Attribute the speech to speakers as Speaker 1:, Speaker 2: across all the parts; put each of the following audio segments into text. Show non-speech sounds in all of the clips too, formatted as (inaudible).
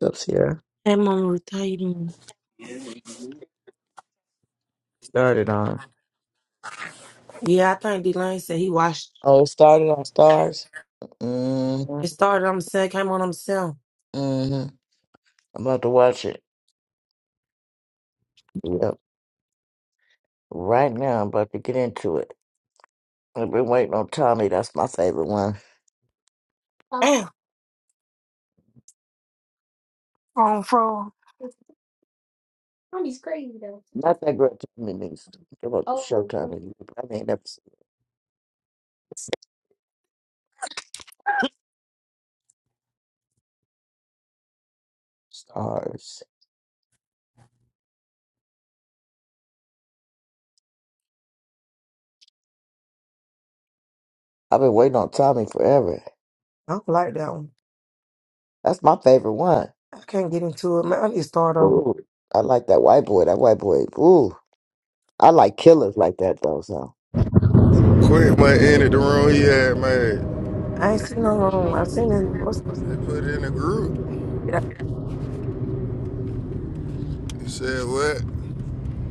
Speaker 1: Up here.
Speaker 2: Hey, Mama Ruth, how
Speaker 3: Yeah, we
Speaker 1: Started on.
Speaker 3: do.
Speaker 2: Yeah, I think D-Lane said he watched.
Speaker 1: Oh, it started on Stars. Mm-hmm.
Speaker 2: It started on himself, came on himself.
Speaker 1: hmm I'm about to watch it. Yep. Right now, I'm about to get into it. I've been waiting on Tommy. That's my favorite one.
Speaker 2: Damn, on fraud.
Speaker 1: Not that great Tommy News. Come on, oh. show Tommy. I ain't never seen Stars. I've been waiting on Tommy forever.
Speaker 2: I don't like that one.
Speaker 1: That's my favorite one.
Speaker 2: I can't get into it. Man, I need to start over.
Speaker 1: Ooh, I like that white boy. That white boy. Ooh, I like killers like that though. So.
Speaker 4: Quick, man, entered the room he had made.
Speaker 2: I ain't seen no room. I seen him. What's
Speaker 4: They put it in the group.
Speaker 2: that?
Speaker 4: He said, what?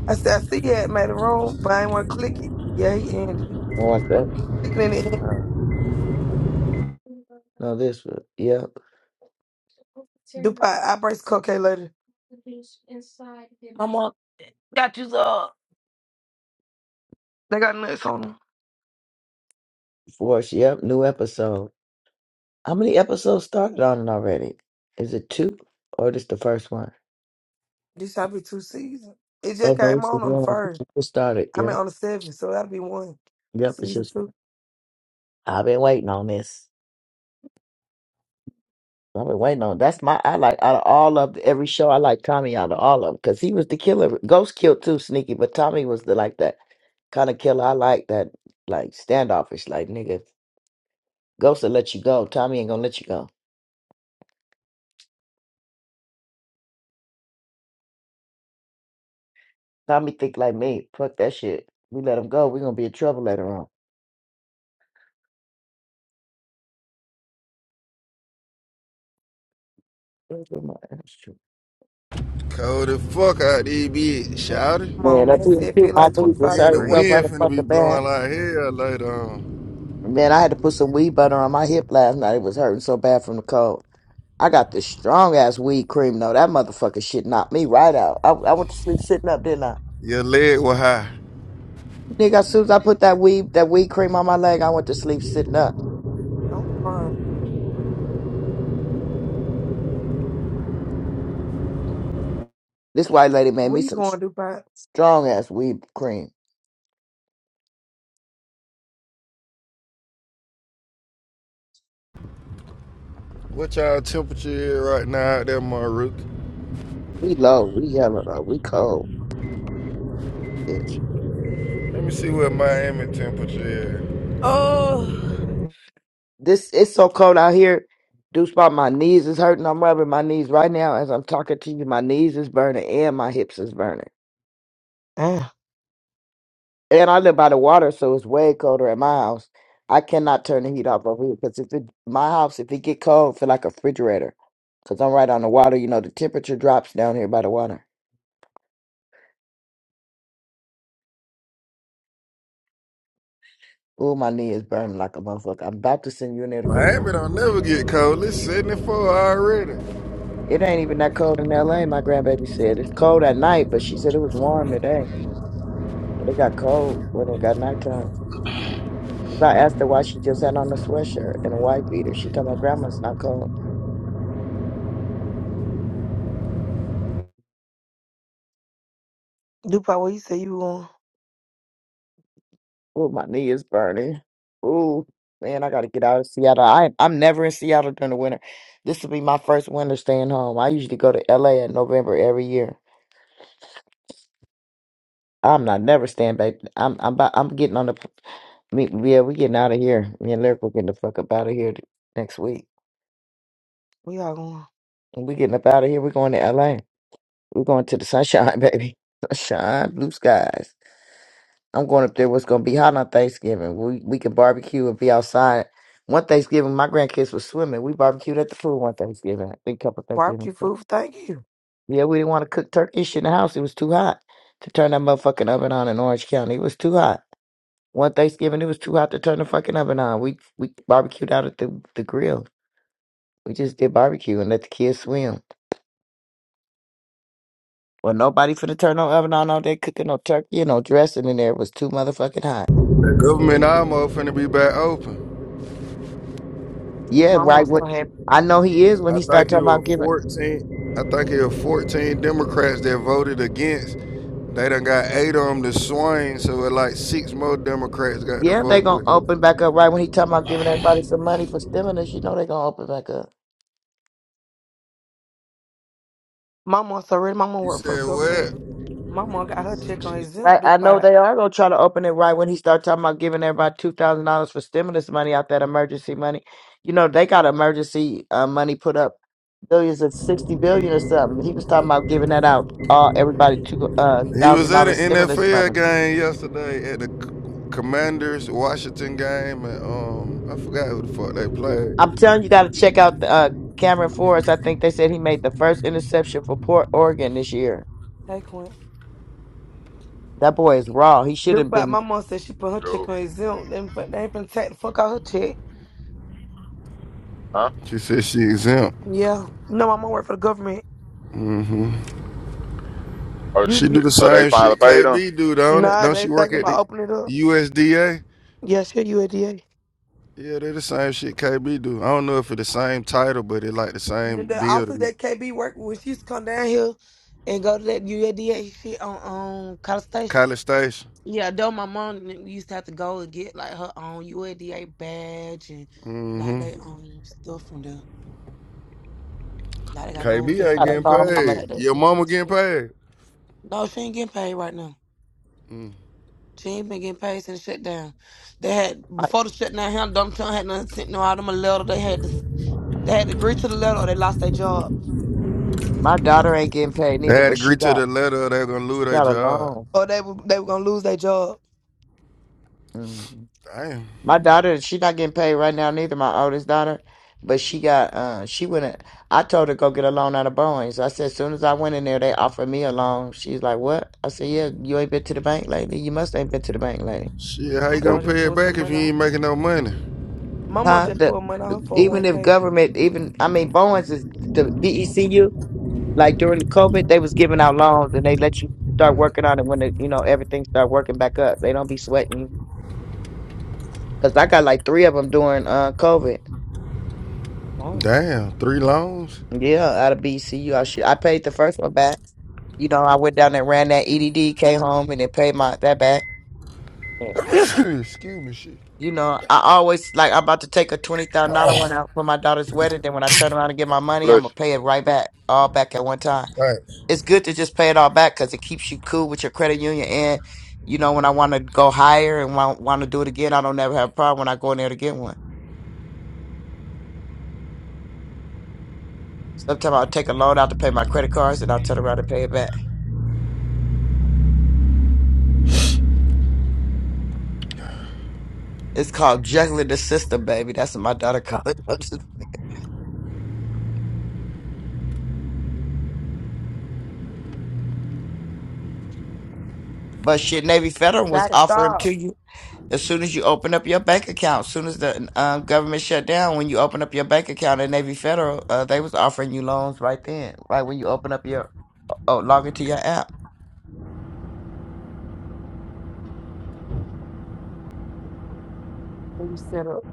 Speaker 2: I said, I see you had made a room, but I ain't want to click it. Yeah, he ended it.
Speaker 1: Oh, What's that?
Speaker 2: Click it in the end.
Speaker 1: No, this. one. Yep.
Speaker 2: DuPont, I brace cupcake later. Mama, got you up. They got nuts on them.
Speaker 1: Force. Yep. New episode. How many episodes started on it already? Is it two or just the first one?
Speaker 2: This should be two seasons. It just
Speaker 1: Oh no,
Speaker 2: came
Speaker 1: this is
Speaker 2: on on the
Speaker 1: one. It
Speaker 2: first.
Speaker 1: just started.
Speaker 2: I mean,
Speaker 1: Yep,
Speaker 2: on the seventh, so that'll be one.
Speaker 1: yep. It's
Speaker 2: Season
Speaker 1: just
Speaker 2: two.
Speaker 1: one. I've been waiting on this. I've been waiting on. That's my. I like out of all of the- every show. I like Tommy out of all of them because he was the killer. Ghost killed too, sneaky, but Tommy was the like that kind of killer. I like that, like standoffish, like nigga. Ghost will let you go. Tommy ain't gonna let you go. Tommy think like me. Fuck that shit. We let him go. We gonna be in trouble later on.
Speaker 4: Cold as fuck out these bitch,
Speaker 2: Man,
Speaker 4: shouted.
Speaker 2: come on,
Speaker 1: Man, I
Speaker 2: man.
Speaker 1: too,
Speaker 2: Say it
Speaker 1: too,
Speaker 2: feel
Speaker 1: my
Speaker 2: like
Speaker 1: knee was
Speaker 2: 25
Speaker 4: Then the
Speaker 1: hurting
Speaker 2: degrees.
Speaker 1: so
Speaker 4: wind finna be
Speaker 1: motherfucking bad.
Speaker 4: blowing like hell later on.
Speaker 1: Man, I had to put some weed butter on my hip last night. It was hurting so bad from the cold. I got this strong ass weed cream though. That motherfucking shit knocked me right out. I, I went to sleep sitting up, didn't I?
Speaker 4: Your leg was high.
Speaker 1: Nigga, as soon as I put that weed that weed cream on my leg, I went to sleep sitting up.
Speaker 2: I'm fine.
Speaker 1: This white lady made
Speaker 2: Where
Speaker 1: me
Speaker 2: you
Speaker 1: some
Speaker 2: going, DuPont?
Speaker 1: strong ass weed cream.
Speaker 4: What y'all temperature is right now out there, Maruk?
Speaker 1: We low, we hella low, we cold, bitch.
Speaker 4: Let me see what Miami temperature is.
Speaker 2: Oh,
Speaker 1: This it's so cold out here. Deuce spot my knees is hurting. I'm rubbing my knees right now as I'm talking to you. My knees is burning and my hips is burning.
Speaker 2: Damn.
Speaker 1: And I live by the water, so it's way colder at my house. I cannot turn the heat off over here because if it my house, if it get cold, feel like a refrigerator. Cause I'm right on the water. You know the temperature drops down here by the water. Ooh, my knee is burning like a motherfucker. I'm about to send you in there to go.
Speaker 4: Miami don't never get cold. It's 74 already.
Speaker 1: It ain't even that cold in LA, my grandbaby said. It's cold at night, but she said it was warm today. But it got cold when it got nighttime. Cause I asked her why she just had on a sweatshirt and a white beater. She told my grandma's not cold.
Speaker 2: DuPont, where you say you going?
Speaker 1: Ooh, my knee is burning. Ooh, man, I gotta get out of Seattle. I I'm never in Seattle during the winter. This will be my first winter staying home. I usually go to LA in November every year. I'm not never staying back. I'm I'm about, I'm getting on the me, yeah, we getting out of here. Me and Lyrical getting the fuck up out of here th- next week.
Speaker 2: We all going.
Speaker 1: We getting up out of here. We're going to LA. We're going to the sunshine, (laughs) baby. Sunshine, blue skies. I'm going up there. What's going to be hot on Thanksgiving? We we can barbecue and be outside. One Thanksgiving, my grandkids was swimming. We barbecued at the pool one Thanksgiving. I think couple Thanksgiving.
Speaker 2: Barbecue food for Thanksgiving.
Speaker 1: Yeah, we didn't want to cook turkey shit in the house. It was too hot to turn that motherfucking oven on in Orange County. It was too hot. One Thanksgiving, it was too hot to turn the fucking oven on. We we barbecued out at the the grill. We just did barbecue and let the kids swim. Well, nobody finna turn no oven on all day cooking no turkey and no dressing in there. It was too motherfucking hot.
Speaker 4: The government almost finna be back open.
Speaker 1: Yeah,
Speaker 2: My mom
Speaker 1: right.
Speaker 2: so
Speaker 1: What
Speaker 2: happy.
Speaker 1: I know he is when
Speaker 4: I
Speaker 1: he start
Speaker 4: think it
Speaker 1: talking about
Speaker 4: was
Speaker 1: giving.
Speaker 4: 14. I think it was 14 Democrats that voted against. They done got eight of them to swing, so it like six more Democrats got to
Speaker 1: Yeah, they
Speaker 4: vote
Speaker 1: gonna
Speaker 4: with
Speaker 1: open
Speaker 4: them.
Speaker 1: back up right when he talking about giving everybody some money for stimulus. You know they gonna open back up.
Speaker 2: My mom so ready. My mom
Speaker 4: You
Speaker 2: work for the
Speaker 4: said
Speaker 2: government.
Speaker 4: what?
Speaker 2: My mom got her check on
Speaker 1: Right,
Speaker 2: exempt,
Speaker 1: I know
Speaker 2: DuPont.
Speaker 1: they are gonna try to open it right when he start talking about giving everybody two thousand dollars for stimulus money out that emergency money. You know they got emergency uh, money put up billions of sixty billion or something. He was talking about giving that out all everybody two uh
Speaker 4: He
Speaker 1: thousand
Speaker 4: was at
Speaker 1: dollars
Speaker 4: an
Speaker 1: stimulus
Speaker 4: NFL
Speaker 1: money.
Speaker 4: game yesterday at the Commanders Washington game, and um, I forgot who the fuck they
Speaker 1: I'm
Speaker 4: played.
Speaker 1: telling you, got to check out the, uh, Cameron Forrest. I think they said he made the first interception for Port Oregon this year.
Speaker 2: Hey, Quinn.
Speaker 1: That boy is raw. He should have
Speaker 2: DuPont,
Speaker 1: been
Speaker 2: my mom said she put her check
Speaker 5: Yo.
Speaker 2: on exempt. They, ain't fin- they ain't finna take the fuck out her check.
Speaker 5: Huh?
Speaker 4: She said she exempt.
Speaker 2: Yeah. No, my mom work for the government.
Speaker 4: hmm
Speaker 5: Oh,
Speaker 1: You,
Speaker 4: She do
Speaker 1: you
Speaker 4: the
Speaker 5: so they
Speaker 4: same
Speaker 5: finally
Speaker 4: shit
Speaker 5: paid him?
Speaker 4: KB do, don't it?
Speaker 2: Nah,
Speaker 4: Don't
Speaker 2: they
Speaker 4: she work
Speaker 2: thinking
Speaker 4: at the
Speaker 2: about opening it up.
Speaker 4: USDA?
Speaker 2: Yeah, sure, UADA.
Speaker 4: Yeah, they the same shit KB do. I don't know if it's the same title, but it like the
Speaker 2: The
Speaker 4: same
Speaker 2: the office
Speaker 4: building.
Speaker 2: that KB worked when she used to come down here and go to that UADA shit on on College Station.
Speaker 4: College Station.
Speaker 2: Yeah, though my mom n- used to have to go and get like her own UADA badge and like
Speaker 4: Mm-hmm.
Speaker 2: they own stuff from there. Like they gotta go over
Speaker 4: KB
Speaker 2: there and
Speaker 4: ain't
Speaker 1: got a
Speaker 4: getting
Speaker 1: loan.
Speaker 2: renew
Speaker 1: I'm
Speaker 2: it,
Speaker 1: like,
Speaker 4: paid.
Speaker 2: take that
Speaker 4: Your
Speaker 2: trip
Speaker 4: mama
Speaker 2: and
Speaker 4: getting
Speaker 2: stuff.
Speaker 4: paid.
Speaker 2: No, she ain't getting paid right now. She ain't been getting paid since the shutdown. They had
Speaker 1: my,
Speaker 2: before the shutdown, hell, Donald Trump had nothing sent no out them a letter. They had to they had to agree to the letter or they lost their job.
Speaker 1: my daughter ain't getting paid
Speaker 4: They
Speaker 1: neither,
Speaker 4: had to
Speaker 1: but
Speaker 4: agree
Speaker 1: she
Speaker 4: to
Speaker 1: got
Speaker 4: the letter they're gonna lose
Speaker 1: she
Speaker 4: their
Speaker 1: got a
Speaker 4: job.
Speaker 1: loan.
Speaker 2: or they were they were gonna lose their job.
Speaker 1: hmm
Speaker 4: Damn.
Speaker 1: My daughter, she not getting paid right now neither. My oldest daughter, but she got uh she went. in- I told her go get a loan out of Boeing's. I said as soon as I went in there, they offered me a loan. She's like, what? I said, yeah, you ain't been to the bank lately. You must ain't been to the bank lately.
Speaker 4: Shit, how
Speaker 2: My
Speaker 4: you gonna
Speaker 1: 'Cause,
Speaker 2: mom just
Speaker 4: pay it
Speaker 2: pulled
Speaker 4: back
Speaker 2: some
Speaker 4: if
Speaker 2: money
Speaker 4: you
Speaker 2: out.
Speaker 4: ain't making no money?
Speaker 2: My mom
Speaker 1: huh?
Speaker 2: just
Speaker 1: The,
Speaker 2: pulled money out
Speaker 1: the-
Speaker 2: her four oh one
Speaker 1: even if
Speaker 2: k.
Speaker 1: government, even I mean Boeing's is the BECU. Like during the COVID, they was giving out loans and they let you start working on it when it, you know everything start working back up. They don't be sweating you. Cause I got like three of them during uh COVID.
Speaker 2: Damn.
Speaker 4: Damn, three loans?
Speaker 1: Yeah, out of BCU, I should I paid the first one back. You know, I went down there, ran that EDD, came home, and then paid my that back.
Speaker 4: (coughs) (laughs)
Speaker 1: Yeah.
Speaker 4: Excuse me, shit.
Speaker 1: You know, I always like I'm about to take a twenty thousand dollar one out for my daughter's wedding. Then when I turn around and get my money, I'm
Speaker 5: Bless
Speaker 1: gonna pay it right back, all back at one time.
Speaker 4: Thanks.
Speaker 1: it's good to just pay it all back because it keeps you cool with your credit union. And you know, when I want to go higher and want, want to do it again, I don't never have a problem when I go in there to get one. Sometimes I'll take a loan out to pay my credit cards, and I'll turn around and pay it back. It's called juggling the system, baby. That's what my daughter called it. (laughs) I'm just playing. But shit, Navy Federal was
Speaker 2: to
Speaker 1: offering
Speaker 2: stop.
Speaker 1: to you as soon as you open up your bank account. As soon as the um, government shut down, when you open up your bank account at Navy Federal, uh, they was offering you loans right then, right when you open up your oh, log into your app.
Speaker 2: And you set up.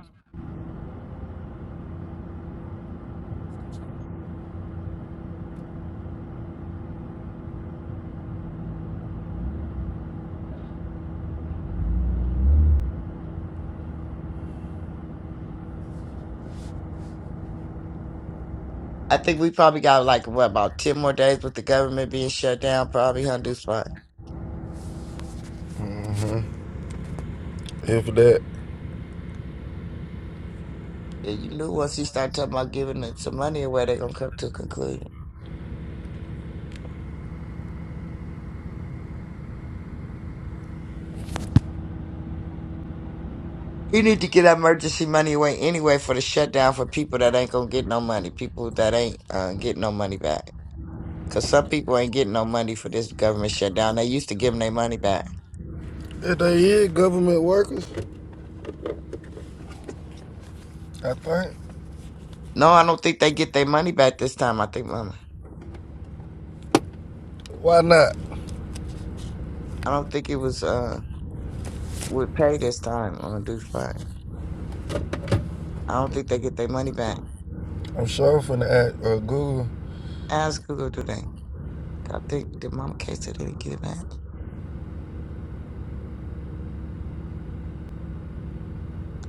Speaker 1: I think we probably got like what about ten more days with the government being shut down. Probably Hunter's fine.
Speaker 4: hmm for that.
Speaker 1: And you knew once he started talking about giving it some money away, they're gonna come to a conclusion. You need to get that emergency money away anyway for the shutdown for people that ain't gonna get no money, people that ain't uh, getting no money back. Cause some people ain't getting no money for this government shutdown. They used to give them their money back.
Speaker 4: If they is government workers, I think.
Speaker 1: No, I don't think they get their money back this time. I think, Mama,
Speaker 4: Why not?
Speaker 1: I don't think it was uh with pay this time on Deuce Fine. I don't think they get their money back.
Speaker 4: I'm sure finna act uh, Google.
Speaker 1: Ask Google today. I think that Mama K said they didn't get it back.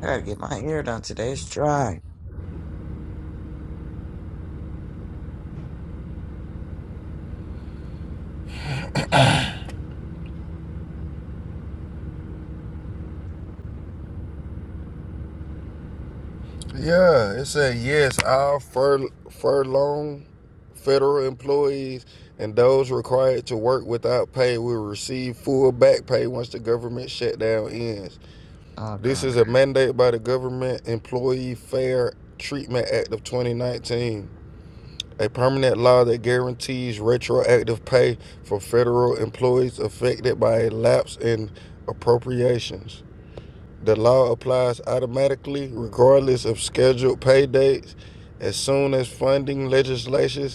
Speaker 1: I gotta get my hair done today. It's dry.
Speaker 4: Yeah, it said yes, all fur furlong federal employees and those required to work without pay will receive full back pay once the government shutdown ends.
Speaker 1: Okay.
Speaker 4: This is a mandate by the Government Employee Fair Treatment Act of 2019, a permanent law that guarantees retroactive pay for federal employees affected by a lapse in appropriations. The law applies automatically, regardless of scheduled pay dates, as soon as funding legislation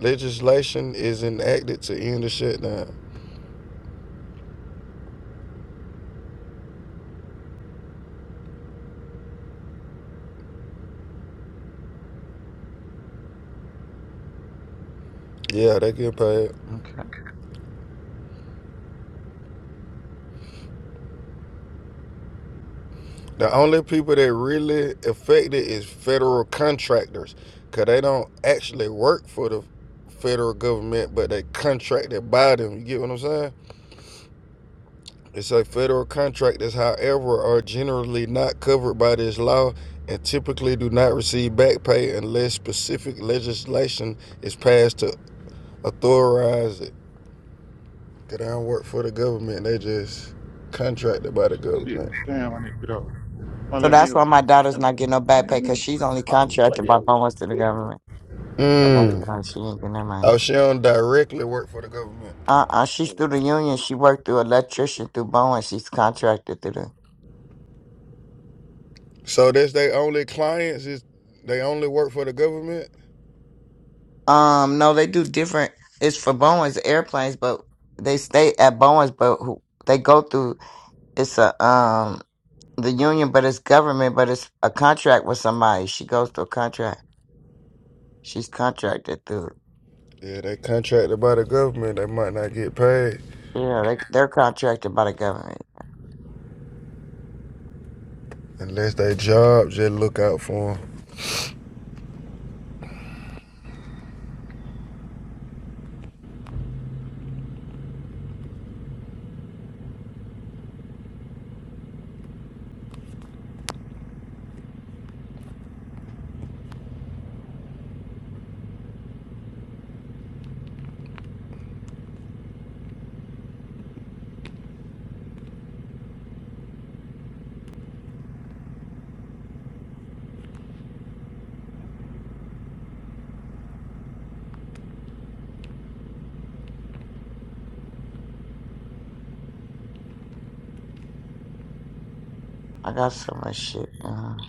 Speaker 4: legislation is enacted to end the shutdown. Yeah, they get paid.
Speaker 1: Okay.
Speaker 4: The only people that really affected is federal contractors, cause they don't actually work for the federal government, but they contracted by them. You get what I'm saying? It's a federal contract that, however, are generally not covered by this law and typically do not receive back pay unless specific legislation is passed to authorize it. Cause I don't work for the government; they just contracted by the
Speaker 5: you. Shit.
Speaker 4: government.
Speaker 5: Damn, I need to get over. Come on,
Speaker 1: So
Speaker 5: let me
Speaker 1: that's why
Speaker 5: out.
Speaker 1: my daughter's
Speaker 5: Come on,
Speaker 1: not getting no
Speaker 5: come on,
Speaker 1: back pay
Speaker 5: let me
Speaker 1: because
Speaker 5: out.
Speaker 1: she's only
Speaker 5: Oh, Let
Speaker 1: contracted
Speaker 5: me
Speaker 1: by
Speaker 5: out.
Speaker 1: almost to the government. So
Speaker 5: Let me
Speaker 1: that's
Speaker 4: Mm.
Speaker 1: why she ain't getting her money.
Speaker 4: Oh, she don't directly work for the government.
Speaker 1: Uh uh She's
Speaker 5: out.
Speaker 1: through the union. She worked through electrician through Boeing. She's contracted through the.
Speaker 4: So that's their only clients is they only work for the government.
Speaker 1: Um, no, they do different. It's for Boeing's airplanes, but they stay at Boeing's, but who, they go through. It's a um the union, but it's government, but it's a contract with somebody. She goes through a contract. She's contracted through.
Speaker 4: Yeah, they contracted by the government. They might not get paid
Speaker 1: Yeah, they they're contracted by the government.
Speaker 4: unless they job just look out for them.
Speaker 1: I got so much shit. Uh,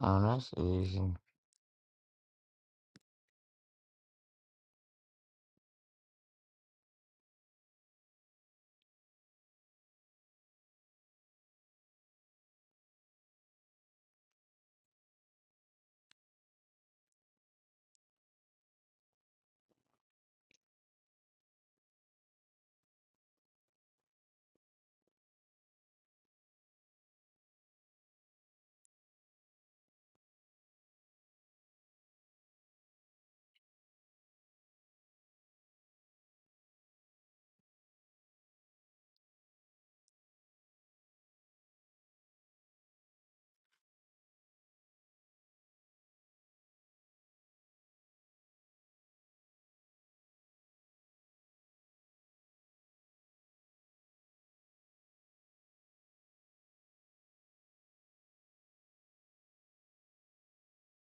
Speaker 1: oh, that's easy.